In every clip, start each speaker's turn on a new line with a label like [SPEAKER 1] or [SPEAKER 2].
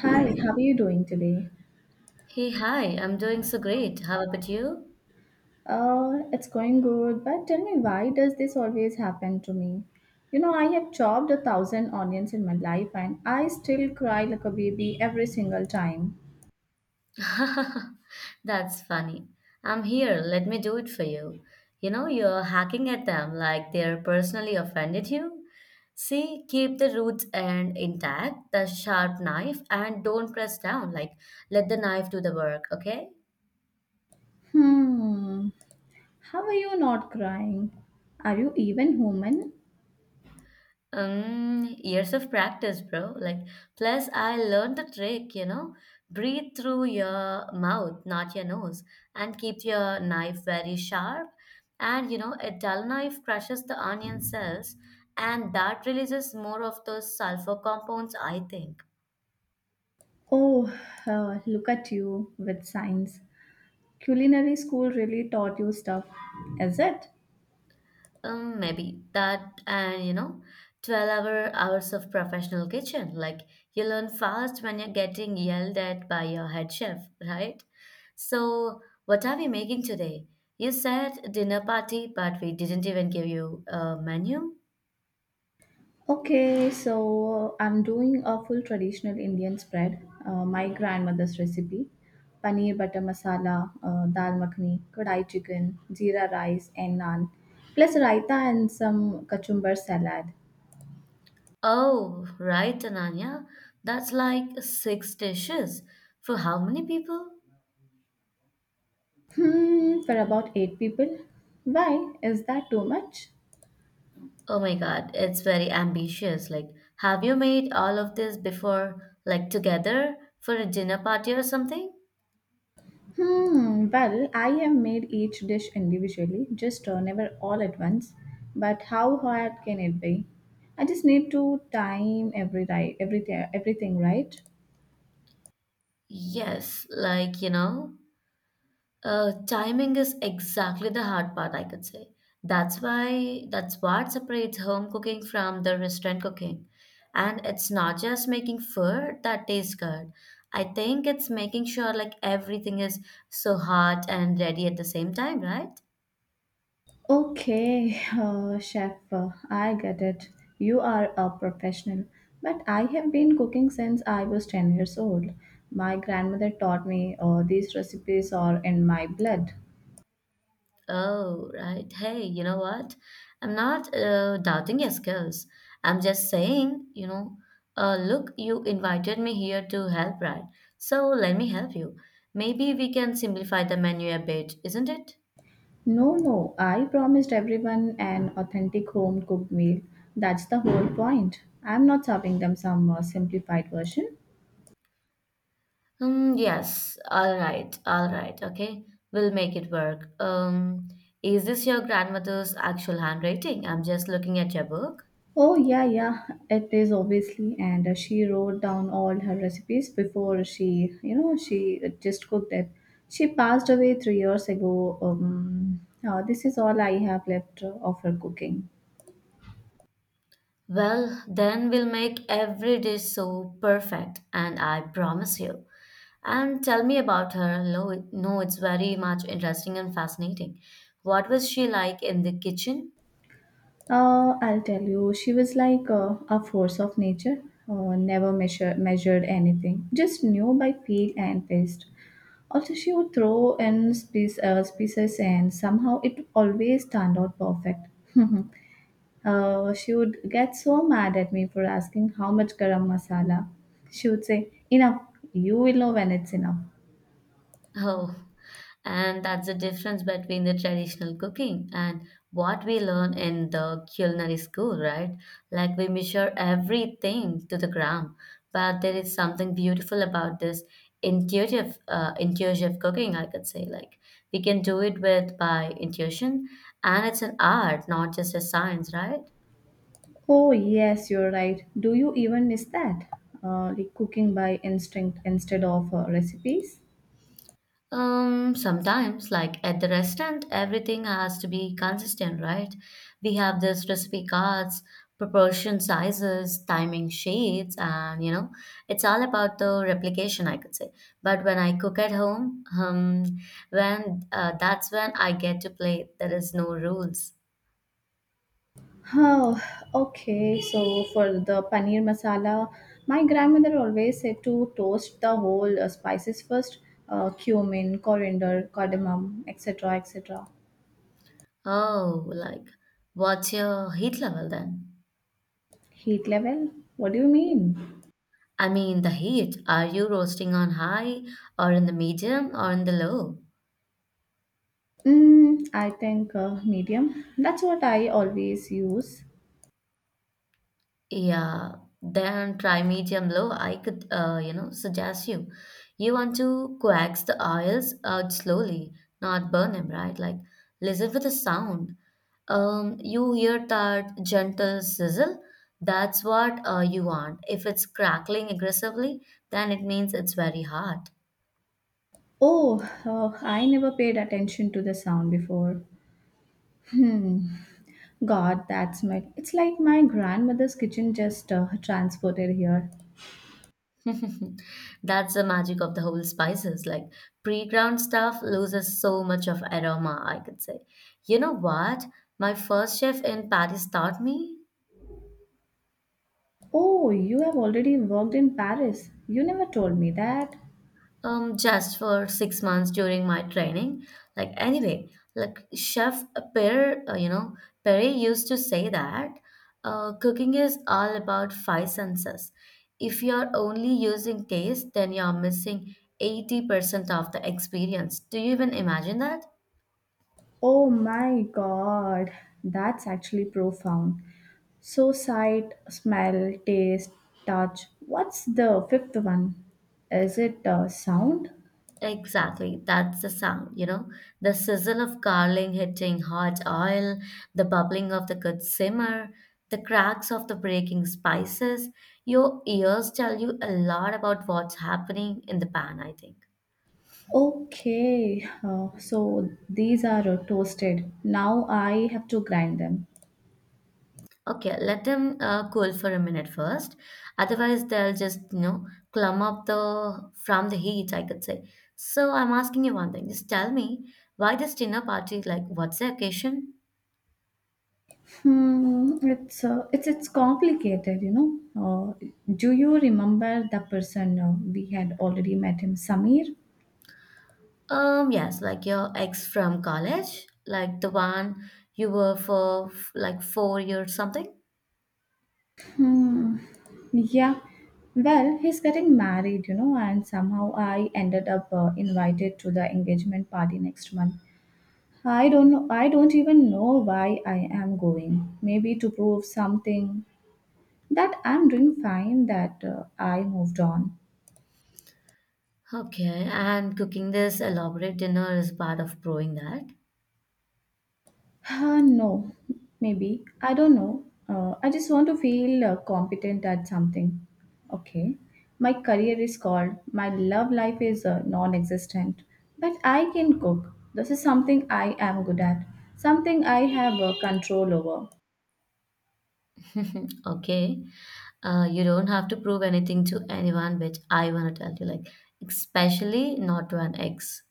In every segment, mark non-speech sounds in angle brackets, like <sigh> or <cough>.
[SPEAKER 1] Hi, how are you doing today?
[SPEAKER 2] Hey, hi, I'm doing so great. How about you?
[SPEAKER 1] It's going good, but tell me, why does this always happen to me? You know, I have chopped a thousand onions in my life and I still cry like a baby every single time.
[SPEAKER 2] <laughs> That's funny. I'm here. Let me do it for you. You know, you're hacking at them like they're personally offended you. See, keep the roots and intact, the sharp knife, and don't press down. Like, let the knife do the work, okay?
[SPEAKER 1] Hmm, how are you not crying? Are you even human?
[SPEAKER 2] Years of practice, bro. Like, plus I learned the trick. Breathe through your mouth, not your nose, and keep your knife very sharp. And you know, a dull knife crushes the onion cells, and that releases more of those sulfur compounds, I think.
[SPEAKER 1] Oh, look at you with science. Culinary school really taught you stuff, is it?
[SPEAKER 2] Maybe that and you know, 12-hour hours of professional kitchen. Like you learn fast when you're getting yelled at by your head chef, right? So, what are we making today? You said dinner party, but we didn't even give you a menu.
[SPEAKER 1] Okay, so I'm doing a full traditional Indian spread, my grandmother's recipe, paneer butter masala, dal makhani, kadai chicken, jeera rice, and naan, plus raita and some kachumber salad.
[SPEAKER 2] Oh, right, Ananya. That's like six dishes. For how many people?
[SPEAKER 1] Hmm, for about eight people. Why? Is that too much?
[SPEAKER 2] Oh my God, it's very ambitious. Like, have you made all of this before, like together for a dinner party or something?
[SPEAKER 1] Hmm, well, I have made each dish individually, just never all at once. But how hard can it be? I just need to time everything, right?
[SPEAKER 2] Yes, like, you know, timing is exactly the hard part, I could say. That's why, that's what separates home cooking from the restaurant cooking. And it's not just making food that tastes good. I think it's making sure like everything is so hot and ready at the same time, right?
[SPEAKER 1] Okay, <laughs> chef, I get it. You are a professional. But I have been cooking since I was 10 years old. My grandmother taught me, these recipes are in my blood.
[SPEAKER 2] Oh, right. Hey, you know what? I'm not doubting your skills. I'm just saying, you know, look, you invited me here to help, right? So let me help you. Maybe we can simplify the menu a bit, isn't it?
[SPEAKER 1] No, no, I promised everyone an authentic home cooked meal. That's the whole point. I'm not serving them some simplified version.
[SPEAKER 2] Mm, yes. All right. All right. Okay. We'll make it work. Is this your grandmother's actual handwriting? I'm just looking at your book.
[SPEAKER 1] Oh, yeah, yeah, it is obviously. And she wrote down all her recipes before she, you know, she just cooked it. She passed away 3 years ago. This is all I have left of her cooking.
[SPEAKER 2] Well, then we'll make every dish so perfect, and I promise you. And tell me about her. No, no, it's very much interesting and fascinating. What was she like in the kitchen?
[SPEAKER 1] I'll tell you, she was like a force of nature, never measure, measured anything, just knew by feel and taste. Also, she would throw in species and somehow it always turned out perfect. <laughs> She would get so mad at me for asking how much garam masala. She would say, "Enough, you will know when it's enough."
[SPEAKER 2] Oh, and that's the difference between the traditional cooking and what we learn in the culinary school, right? Like we measure everything to the gram, but there is something beautiful about this intuitive cooking. I could say like we can do it with by intuition, and it's an art, not just a science, right?
[SPEAKER 1] Oh, yes, you're right. Do you even miss that? Like cooking by instinct instead of recipes?
[SPEAKER 2] Sometimes, like at the restaurant, everything has to be consistent, right? We have this recipe cards, proportion sizes, timing sheets, and you know, it's all about the replication, I could say. But when I cook at home, when that's when I get to play. There is no rules.
[SPEAKER 1] Oh, okay. So for the paneer masala, my grandmother always said to toast the whole spices first, cumin, coriander, cardamom, etc., etc.
[SPEAKER 2] Oh, like, what's your heat level then?
[SPEAKER 1] Heat level? What do you mean?
[SPEAKER 2] I mean, the heat. Are you roasting on high, or in the medium, or in the low?
[SPEAKER 1] Mm, I think medium. That's what I always use.
[SPEAKER 2] Yeah, then try medium low. I could, you know, suggest you. You want to coax the oils out slowly, not burn them, right? Like listen for the sound. You hear that gentle sizzle. That's what you want. If it's crackling aggressively, then it means it's very hot.
[SPEAKER 1] Oh, I never paid attention to the sound before. Hmm. God, that's my. It's like my grandmother's kitchen just transported here.
[SPEAKER 2] <laughs> That's the magic of the whole spices. Like pre-ground stuff loses so much of aroma, I could say. You know what? My first chef in Paris taught me
[SPEAKER 1] Oh, you have already worked in Paris. You never told me that.
[SPEAKER 2] just for 6 months during my training. Like anyway, like Chef you know, Perry used to say that cooking is all about 5 senses. If you're only using taste, then you're missing 80% of the experience. Do you even imagine that?
[SPEAKER 1] Oh my god, that's actually profound. So, sight, smell, taste, touch. What's the fifth one? Is it sound?
[SPEAKER 2] Exactly, that's the sound, you know, the sizzle of garlic hitting hot oil, the bubbling of the good simmer, the cracks of the breaking spices. Your ears tell you a lot about what's happening in the pan, I think.
[SPEAKER 1] Okay, so these are toasted. Now I have to grind them.
[SPEAKER 2] Okay, let them cool for a minute first. Otherwise, they'll just, you know, clump up the from the heat, I could say. So I'm asking you one thing. Just tell me why this dinner party, like, what's the occasion?
[SPEAKER 1] Hmm, it's complicated, you know. Uh, do you remember the person we had already met him, Samir?
[SPEAKER 2] Yes, like your ex from college, like the one you were for like 4 years something.
[SPEAKER 1] Hmm, yeah. Well, he's getting married, you know, and somehow I ended up invited to the engagement party next month. I don't know, I don't even know why I am going. Maybe to prove something, that I'm doing fine, that I moved on.
[SPEAKER 2] Okay, and cooking this elaborate dinner is part of proving that.
[SPEAKER 1] Uh, no, maybe. I don't know. I just want to feel competent at something. Okay. My career is called, my love life is non existent. But I can cook. This is something I am good at, something I have control over.
[SPEAKER 2] <laughs> Okay, you don't have to prove anything to anyone, which I want to tell you, like, especially not to an ex.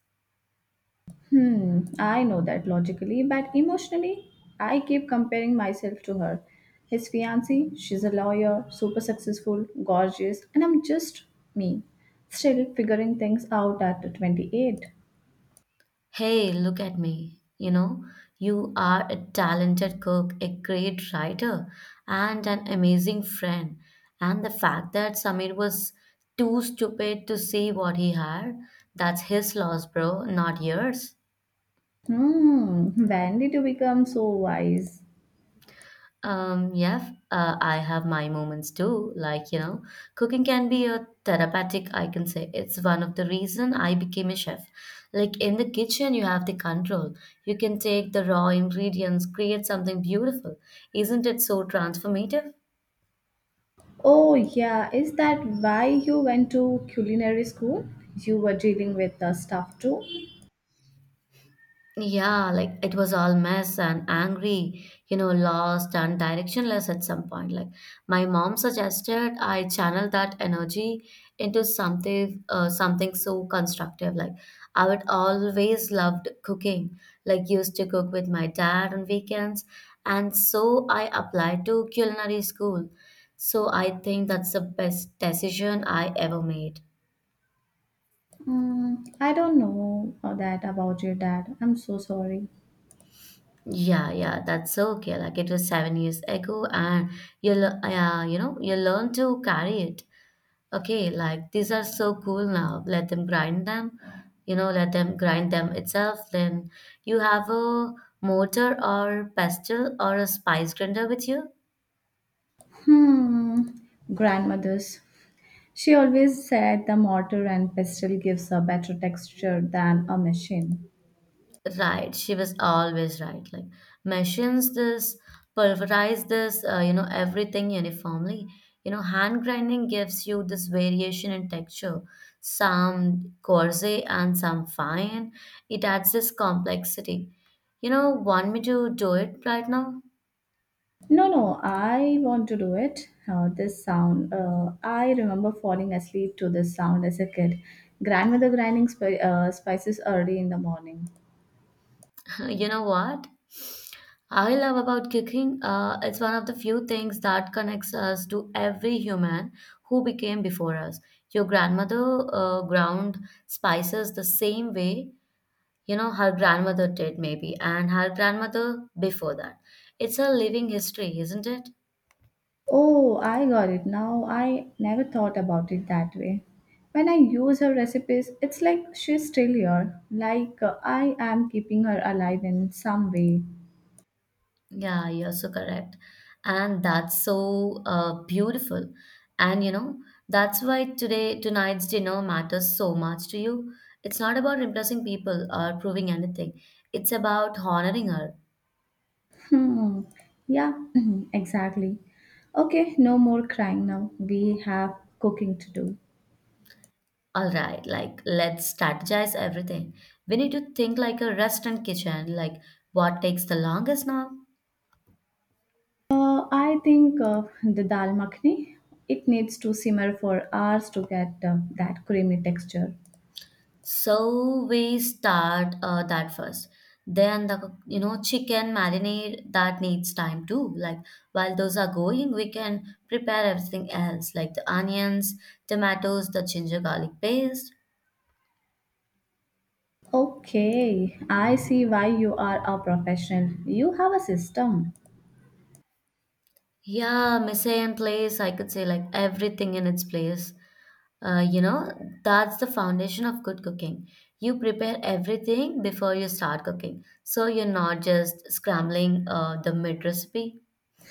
[SPEAKER 1] Hmm, I know that logically, but emotionally, I keep comparing myself to her. His fiancée, she's a lawyer, super successful, gorgeous, and I'm just me, still figuring things out at 28.
[SPEAKER 2] Hey, look at me. You know, you are a talented cook, a great writer, and an amazing friend. And the fact that Samir was too stupid to see what he had, that's his loss, bro, not yours.
[SPEAKER 1] Hmm, when did you become so wise?
[SPEAKER 2] Yeah, I have my moments too. Like, you know, cooking can be a therapeutic, I can say. It's one of the reason I became a chef. Like in the kitchen, you have the control. You can take the raw ingredients, create something beautiful. Isn't it so transformative?
[SPEAKER 1] Oh, yeah, is that why you went to culinary school? You were dealing with the stuff too?
[SPEAKER 2] Yeah, like it was all mess and angry, you know, lost and directionless at some point. Like my mom suggested I channel that energy into something so constructive. Like I would always loved cooking, like used to cook with my dad on weekends, and so I applied to culinary school. So I think that's the best decision I ever made.
[SPEAKER 1] Hmm, I don't know that about your dad. I'm so sorry.
[SPEAKER 2] Yeah, yeah, that's okay. Like it was 7 years ago, and you know, you learn to carry it. Okay, like these are so cool now. Let them grind them, you know, let them grind them itself. Then you have a mortar or pestle or a spice grinder with you.
[SPEAKER 1] Hmm, grandmother's. She always said the mortar and pestle gives a better texture than a machine.
[SPEAKER 2] Right, she was always right. Like machines this, pulverize this, you know, everything uniformly. You know, hand grinding gives you this variation in texture, some coarse and some fine. It adds this complexity. You know, want me to do it right now?
[SPEAKER 1] No, no, I want to do it. This sound. I remember falling asleep to this sound as a kid. Grandmother grinding spices early in the morning.
[SPEAKER 2] <laughs> You know what? I love about cooking. It's one of the few things that connects us to every human who became before us. Your grandmother ground spices the same way, you know, her grandmother did maybe, and her grandmother before that. It's a living history, isn't it?
[SPEAKER 1] Oh, I got it now. I never thought about it that way. When I use her recipes, it's like she's still here, like I am keeping her alive in some way.
[SPEAKER 2] Yeah, you're so correct. And that's so beautiful. And you know, that's why today, tonight's dinner matters so much to you. It's not about impressing people or proving anything, it's about honoring her.
[SPEAKER 1] Hmm. Yeah, <clears throat> exactly. Okay, no more crying now. We have cooking to do.
[SPEAKER 2] All right, like let's strategize everything. We need to think like a restaurant kitchen, like what takes the longest now?
[SPEAKER 1] I think the dal makhni, it needs to simmer for hours to get that creamy texture.
[SPEAKER 2] So we start that first. Then the you know chicken marinade that needs time too. Like while those are going, we can prepare everything else like the onions, tomatoes, the ginger garlic paste.
[SPEAKER 1] Okay, I see why you are a professional. You have a system.
[SPEAKER 2] Yeah, mise en place. I could say like everything in its place. You know, that's the foundation of good cooking. You prepare everything before you start cooking, so you're not just scrambling the mid recipe.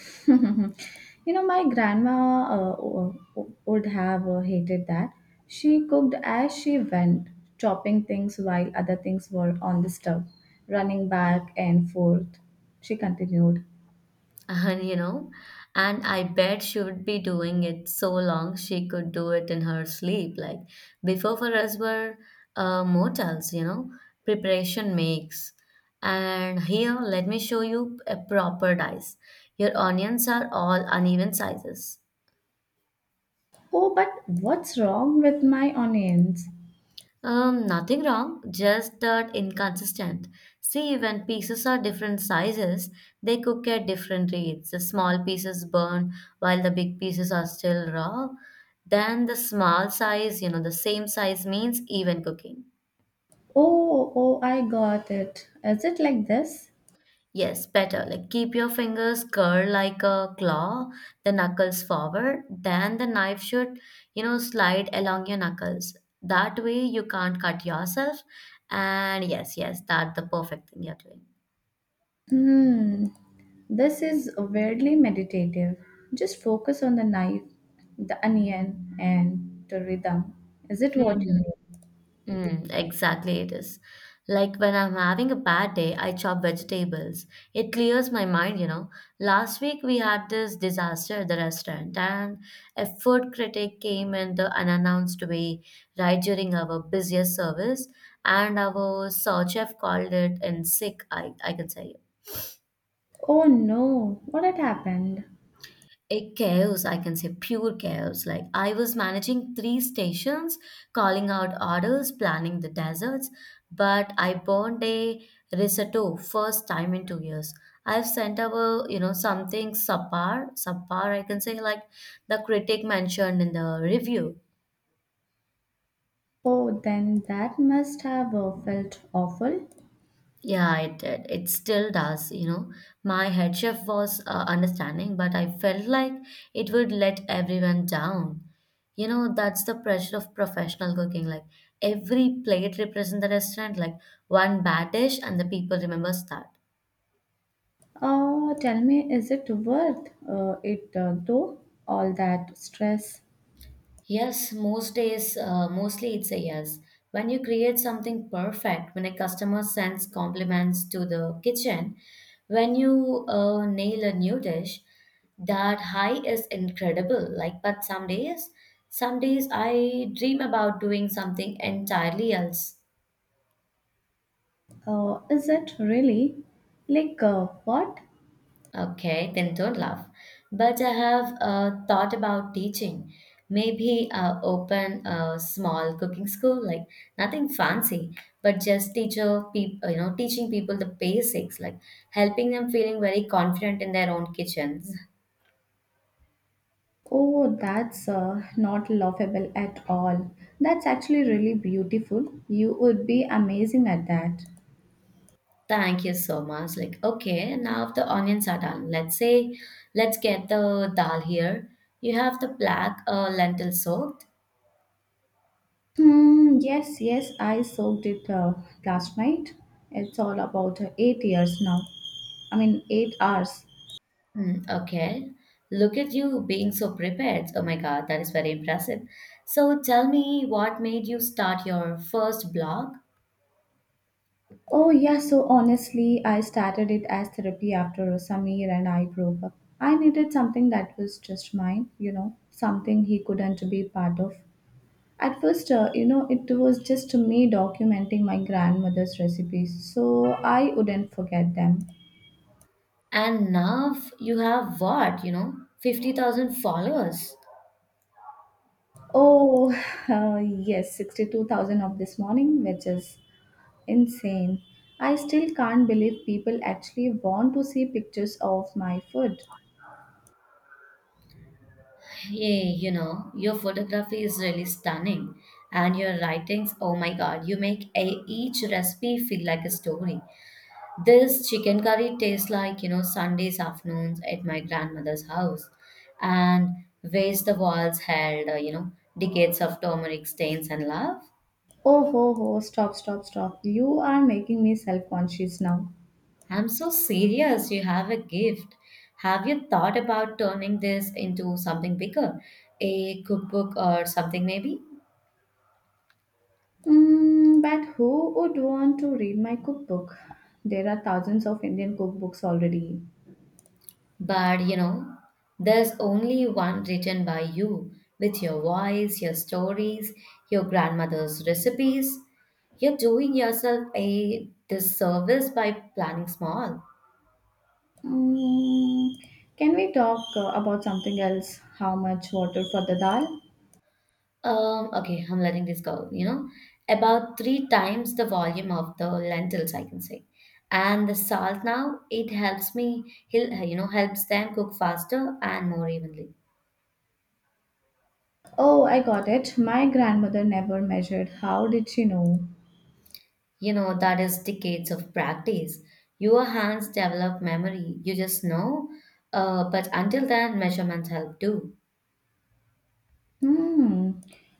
[SPEAKER 1] <laughs> You know, my grandma would have hated that. She cooked as she went, chopping things while other things were on the stove, running back and forth. She continued.
[SPEAKER 2] And you know, and I bet she would be doing it so long she could do it in her sleep. Like before, for us were motels, you know, preparation makes. And here, let me show you a proper dice. Your onions are all uneven sizes.
[SPEAKER 1] Oh, but what's wrong with my onions?
[SPEAKER 2] Nothing wrong, just that inconsistent. See, when pieces are different sizes, they cook at different rates. The small pieces burn while the big pieces are still raw. Then the small size, you know, the same size means even cooking.
[SPEAKER 1] Oh, oh, I got it. Is it like this?
[SPEAKER 2] Yes, better. Like keep your fingers curled like a claw, the knuckles forward, then the knife should, you know, slide along your knuckles. That way you can't cut yourself. And yes, yes, that's the perfect thing you're doing.
[SPEAKER 1] Hmm, this is weirdly meditative. Just focus on the knife, the onion, and the rhythm. Is it
[SPEAKER 2] Hmm.
[SPEAKER 1] what you mean?
[SPEAKER 2] Mm, exactly, it is. Like when I'm having a bad day, I chop vegetables. It clears my mind, you know. Last week we had this disaster at the restaurant, and a food critic came in the unannounced way right during our busiest service, and our sous chef called it in sick, I can say.
[SPEAKER 1] Oh no, what had happened?
[SPEAKER 2] A chaos, I can say, pure chaos. Like I was managing 3 stations, calling out orders, planning the deserts, but I burned a risotto first time in 2 years. I've sent our, you know, something subpar, I can say, like the critic mentioned in the review.
[SPEAKER 1] Oh, then that must have felt awful.
[SPEAKER 2] Yeah, it did. It still does, you know. My head chef was understanding, but I felt like it would let everyone down. You know, that's the pressure of professional cooking. Like every plate represents the restaurant, like one bad dish, and the people remembers that.
[SPEAKER 1] Tell me, is it worth it though? All that stress?
[SPEAKER 2] Yes, most days, mostly it's a yes. When you create something perfect, when a customer sends compliments to the kitchen, when you nail a new dish, that high is incredible. Like, but some days I dream about doing something entirely else.
[SPEAKER 1] Is it really? Like what?
[SPEAKER 2] Okay, then don't laugh. But I have thought about teaching. Maybe open a small cooking school, like nothing fancy, but just teacher people, you know, teaching people the basics, like helping them feeling very confident in their own kitchens.
[SPEAKER 1] Oh, that's not laughable at all. That's actually really beautiful. You would be amazing at that.
[SPEAKER 2] Thank you so much. Like, okay, now the onions are done. Let's say, let's get the dal here. You have the black lentil soaked.
[SPEAKER 1] Hmm, yes, yes, I soaked it last night. It's all about 8 years now. I mean, eight hours.
[SPEAKER 2] Mm, okay. Look at you being so prepared. Oh my God, that is very impressive. So tell me what made you start your first blog?
[SPEAKER 1] Oh, yeah, so honestly, I started it as therapy after Samir and I broke up. I needed something that was just mine, you know, something he couldn't be part of. At first, you know, it was just me documenting my grandmother's recipes, so I wouldn't forget them.
[SPEAKER 2] And now you have what, you know, 50,000 followers.
[SPEAKER 1] Oh, <sighs> yes, 62,000 of this morning, which is insane. I still can't believe people actually want to see pictures of my food.
[SPEAKER 2] Hey, you know, your photography is really stunning. And your writings, oh my God, you make a, each recipe feel like a story. This chicken curry tastes like, you know, Sundays afternoons at my grandmother's house. And where's the walls held, you know, decades of turmeric stains and love?
[SPEAKER 1] Oh, ho, ho, stop, stop, stop. You are making me self conscious now.
[SPEAKER 2] I'm so serious. You have a gift. Have you thought about turning this into something bigger? A cookbook or something, maybe?
[SPEAKER 1] Mm, but who would want to read my cookbook? There are thousands of Indian cookbooks already.
[SPEAKER 2] But you know, there's only one written by you with your voice, your stories, your grandmother's recipes. You're doing yourself a disservice by planning small.
[SPEAKER 1] Mm, can we talk about something else? How much water for the dal?
[SPEAKER 2] Okay, I'm letting this go, you know, about three times the volume of the lentils, I can say. And the salt now, it helps me, he'll, you know, helps them cook faster and more evenly.
[SPEAKER 1] Oh, I got it. My grandmother never measured. How did she know?
[SPEAKER 2] You know, that is decades of practice. Your hands develop memory, you just know. But until then, measurements help too.
[SPEAKER 1] Hmm.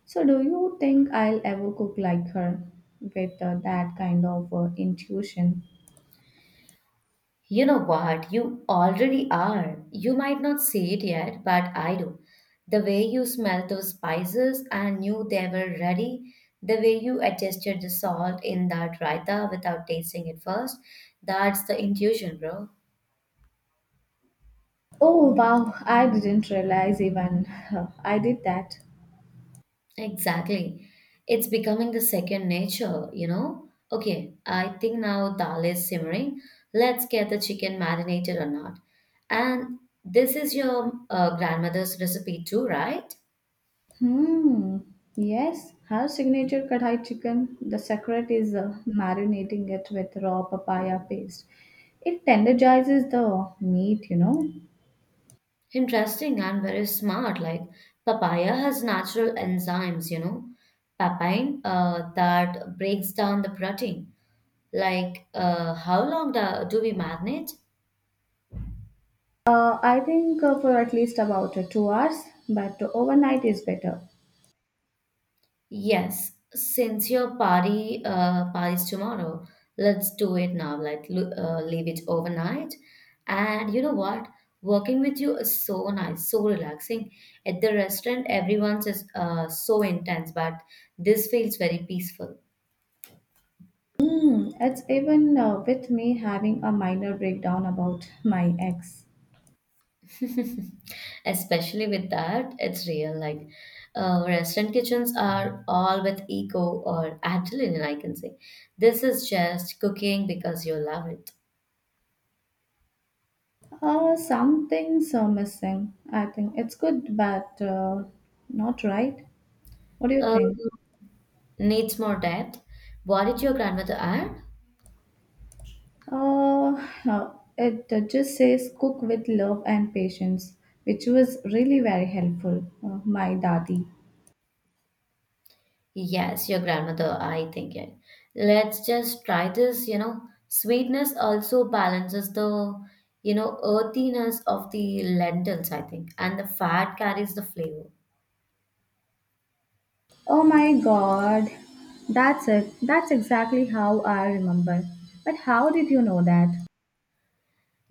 [SPEAKER 1] So, do you think I'll ever cook like her with that kind of intuition?
[SPEAKER 2] You know what? You already are. You might not see it yet, but I do. The way you smelled those spices and knew they were ready, the way you adjusted the salt in that raita without tasting it first, that's the intuition, bro.
[SPEAKER 1] Oh, wow. I didn't realize even <laughs> I did that.
[SPEAKER 2] Exactly. It's becoming the second nature, you know? Okay, I think now dal is simmering. Let's get the chicken marinated or not. And this is your grandmother's recipe too, right?
[SPEAKER 1] Hmm. Yes, her signature kadhai chicken. The secret is marinating it with raw papaya paste. It tenderizes the meat, you know.
[SPEAKER 2] Interesting and very smart. Like papaya has natural enzymes, you know, papain that breaks down the protein. Like, how long do we marinate?
[SPEAKER 1] I think for at least about 2 hours, but overnight is better.
[SPEAKER 2] Yes, since your party's tomorrow, let's do it now. Like leave it overnight. And you know what? Working with you is so nice, so relaxing. At the restaurant, everyone's just so intense, but this feels very peaceful.
[SPEAKER 1] Hmm, it's even with me having a minor breakdown about my ex.
[SPEAKER 2] <laughs> Especially with that, it's real. Like restaurant kitchens are all with eco or adrenaline, I can say. This is just cooking because you love it.
[SPEAKER 1] Some things are missing. I think it's good, but not right. What do you
[SPEAKER 2] Um,
[SPEAKER 1] think?
[SPEAKER 2] Needs more depth. What did your grandmother add?
[SPEAKER 1] Uh, uh, it just says cook with love and patience, which was really very helpful. My daddy.
[SPEAKER 2] Yes, your grandmother, I think it. Let's just try this, you know. Sweetness also balances the, you know, earthiness of the lentils, I think, and the fat carries the flavor.
[SPEAKER 1] Oh my god. That's it. That's exactly how I remember. But how did you know that?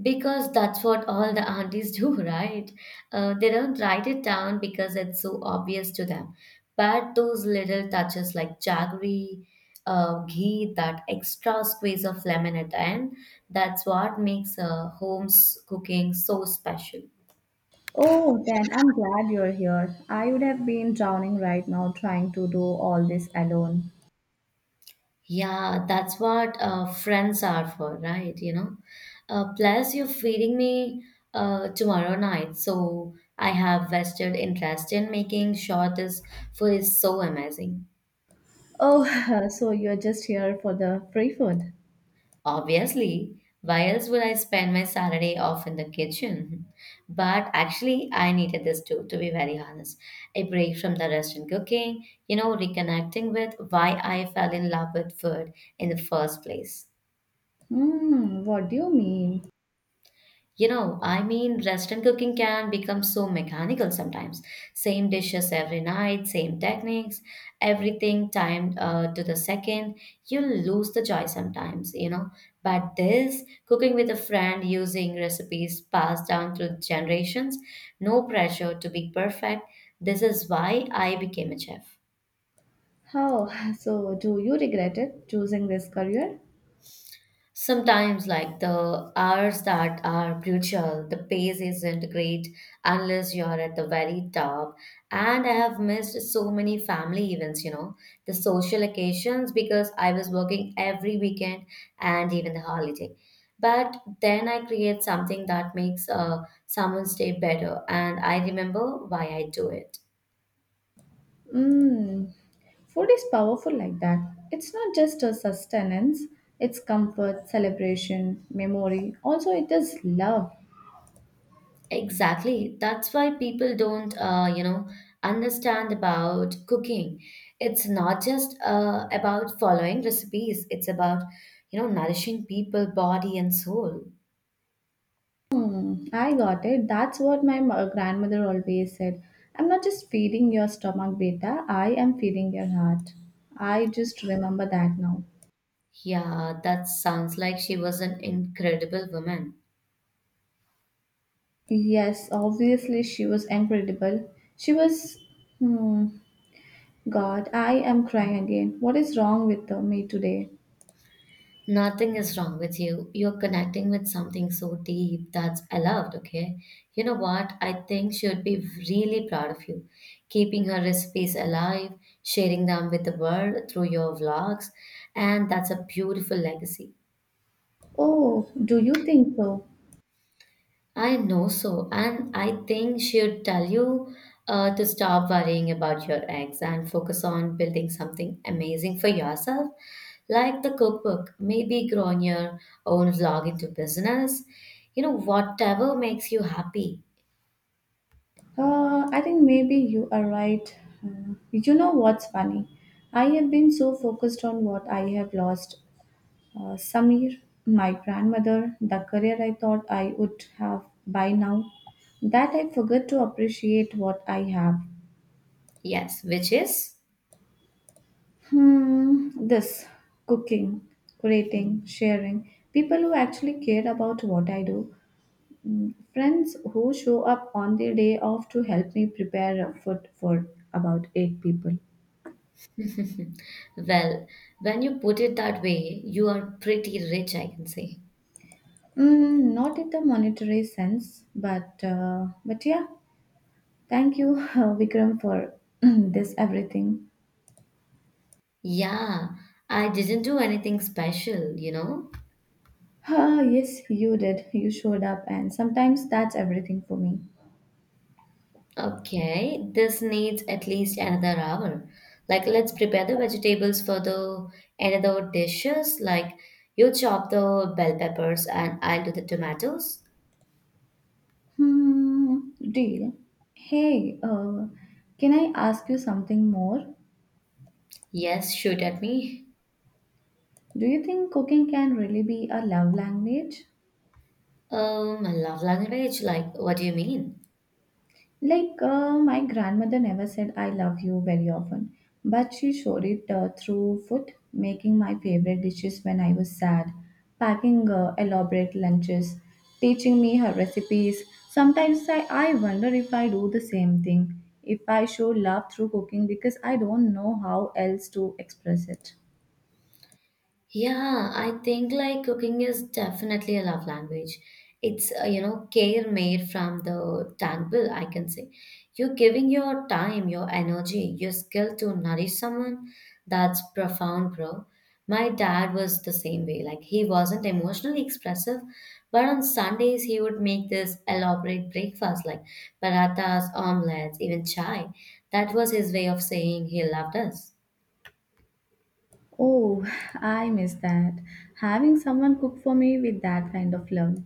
[SPEAKER 2] Because that's what all the aunties <laughs> do, right? They don't write it down because it's so obvious to them. But those little touches like jaggery, ghee, that extra squeeze of lemon at the end, that's what makes home's cooking so special.
[SPEAKER 1] Oh, then I'm glad you're here. I would have been drowning right now trying to do all this alone.
[SPEAKER 2] Yeah, that's what friends are for, right? You know. Plus, you're feeding me tomorrow night, so I have vested interest in making sure this food is so amazing.
[SPEAKER 1] Oh, <laughs> so you're just here for the free food?
[SPEAKER 2] Obviously, why else would I spend my Saturday off in the kitchen? But actually, I needed this too, to be very honest. A break from the restaurant cooking, you know, reconnecting with why I fell in love with food in the first place.
[SPEAKER 1] Hmm, what do you mean?
[SPEAKER 2] You know, I mean, restaurant cooking can become so mechanical sometimes. Same dishes every night, same techniques, everything timed to the second. You lose the joy sometimes, you know. But this, cooking with a friend using recipes passed down through generations, no pressure to be perfect. This is why I became a chef.
[SPEAKER 1] How? <sighs> <laughs> So, do you regret it choosing this career?
[SPEAKER 2] Sometimes, like the hours that are brutal, the pace isn't great unless you're at the very top. And I have missed so many family events, you know, the social occasions because I was working every weekend and even the holiday. But then I create something that makes someone's day better, and I remember why I do it.
[SPEAKER 1] Hmm, food is powerful like that. It's not just a sustenance, it's comfort, celebration, memory. Also, it is love.
[SPEAKER 2] Exactly. That's why people don't, you know, understand about cooking. It's not just about following recipes. It's about, you know, nourishing people, body and soul.
[SPEAKER 1] Hmm, I got it. That's what my grandmother always said. "I'm not just feeding your stomach, beta. I am feeding your heart." I just remember that now.
[SPEAKER 2] Yeah, that sounds like she was an incredible woman.
[SPEAKER 1] Yes, obviously she was incredible. She was. Hmm. God, I am crying again. What is wrong with me today?
[SPEAKER 2] Nothing is wrong with you. You're connecting with something so deep that's allowed, okay? You know what? I think she'd be really proud of you. Keeping her recipes alive, sharing them with the world through your vlogs, and that's a beautiful legacy.
[SPEAKER 1] Oh, do you think so?
[SPEAKER 2] I know so, and I think she'd tell you to stop worrying about your eggs and focus on building something amazing for yourself, like the cookbook, maybe growing your own vlog into business, you know, whatever makes you happy.
[SPEAKER 1] I think maybe you are right. You know what's funny? I have been so focused on what I have lost: Samir, my grandmother, the career I thought I would have by now, that I forgot to appreciate what I have.
[SPEAKER 2] Yes, which is,
[SPEAKER 1] Hmm, this cooking, creating, sharing, people who actually care about what I do, mm, friends who show up on their day off to help me prepare food for about eight people.
[SPEAKER 2] well, when you put it that way, you are pretty rich, I can say.
[SPEAKER 1] Mm, not in the monetary sense, but yeah. Thank you, <laughs> Vikram, for <clears throat> this everything.
[SPEAKER 2] Yeah, I didn't do anything special, you know.
[SPEAKER 1] Ah, yes, you did. You showed up, and sometimes that's everything for me.
[SPEAKER 2] Okay, this needs at least another hour. Like, let's prepare the vegetables for the another dishes. Like, you chop the bell peppers and I'll do the tomatoes.
[SPEAKER 1] Hmm, deal. Hey, can I ask you something more?
[SPEAKER 2] Yes, shoot at me.
[SPEAKER 1] Do you think cooking can really be a love language?
[SPEAKER 2] Love language. Like, what do you mean?
[SPEAKER 1] Like, my grandmother never said I love you very often, but she showed it through food, making my favorite dishes when I was sad, packing elaborate lunches, teaching me her recipes. Sometimes I wonder if I do the same thing, if I show love through cooking because I don't know how else to express it.
[SPEAKER 2] Yeah, I think like cooking is definitely a love language. It's, you know, care made from the tangle, I can say. You're giving your time, your energy, your skill to nourish someone. That's profound, bro. My dad was the same way. Like, he wasn't emotionally expressive, but on Sundays, he would make this elaborate breakfast like parathas, omelets, even chai. That was his way of saying he loved us.
[SPEAKER 1] Oh, <laughs> <sighs> I miss that. Having someone cook for me with that kind of love.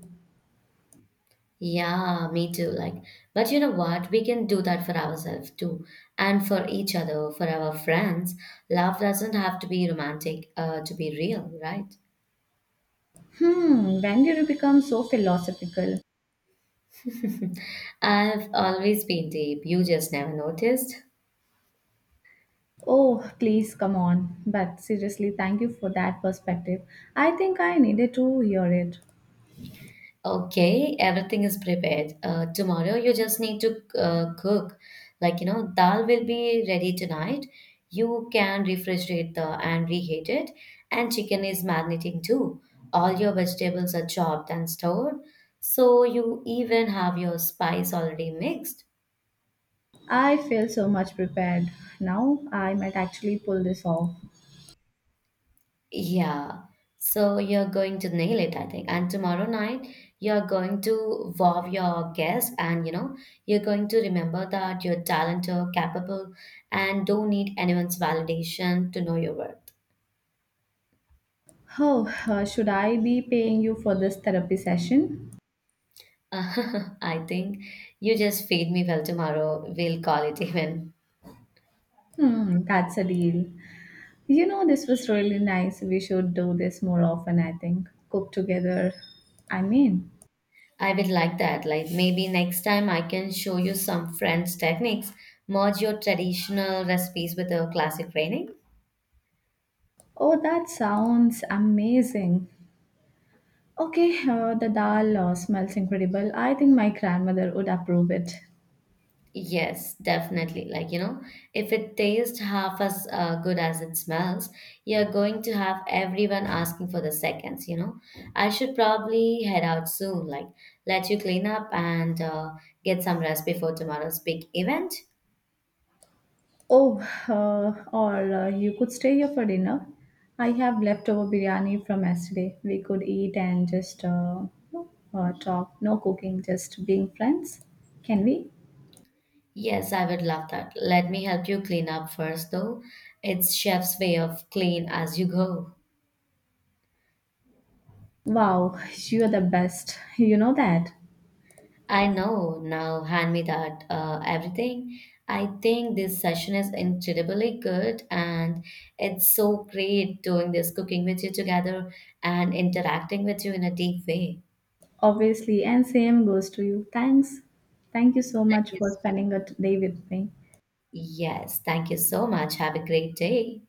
[SPEAKER 2] Yeah, me too. Like, but you know what? We can do that for ourselves too, and for each other, for our friends. Love doesn't have to be romantic, to be real, right?
[SPEAKER 1] Hmm, when did you become so philosophical?
[SPEAKER 2] I've always been deep. You just never noticed. <laughs>
[SPEAKER 1] Oh, please come on. But seriously, thank you for that perspective. I think I needed to hear it.
[SPEAKER 2] Okay, everything is prepared. Tomorrow you just need to cook. Like, you know, dal will be ready tonight. You can refrigerate the and reheat it. And chicken is marinating too. All your vegetables are chopped and stored. So you even have your spice already mixed.
[SPEAKER 1] I feel so much prepared. Now I might actually pull this off.
[SPEAKER 2] Yeah. So you're going to nail it, I think. And tomorrow night, you're going to wow your guests, and you know, you're going to remember that you're talented, capable, and don't need anyone's validation to know your worth.
[SPEAKER 1] Oh, should I be paying you for this therapy session?
[SPEAKER 2] <laughs> I think you just feed me well tomorrow. We'll call it <laughs> even.
[SPEAKER 1] Hmm, that's a deal. You know, this was really nice. We should do this more often, I think. Cook together. I mean,
[SPEAKER 2] I would like that. Like maybe next time I can show you some French techniques. Merge your traditional recipes with a classic training.
[SPEAKER 1] oh, that sounds amazing. Okay, the dal smells incredible. I think my grandmother would approve it.
[SPEAKER 2] Yes, definitely. Like, you know, if it tastes half as good as it smells, you're going to have everyone asking for the seconds, you know. I should probably head out soon, like, let you clean up and get some rest before tomorrow's big event.
[SPEAKER 1] Oh, or you could stay here for dinner. I have leftover biryani from yesterday. We could eat and just no, talk. No cooking, just being friends. Can we?
[SPEAKER 2] Yes, I would love that. Let me help you clean up first, though. It's chef's way of clean as you go.
[SPEAKER 1] Wow, you are the best. You know that.
[SPEAKER 2] I know now, hand me that everything. I think this session is incredibly good, and it's so great doing this cooking with you together and interacting with you in a deep way.
[SPEAKER 1] Obviously, and same goes to you. Thanks. Thank you so
[SPEAKER 2] Thank
[SPEAKER 1] much for
[SPEAKER 2] you.
[SPEAKER 1] spending a day with me.
[SPEAKER 2] Yes, thank you so much. Have a great day.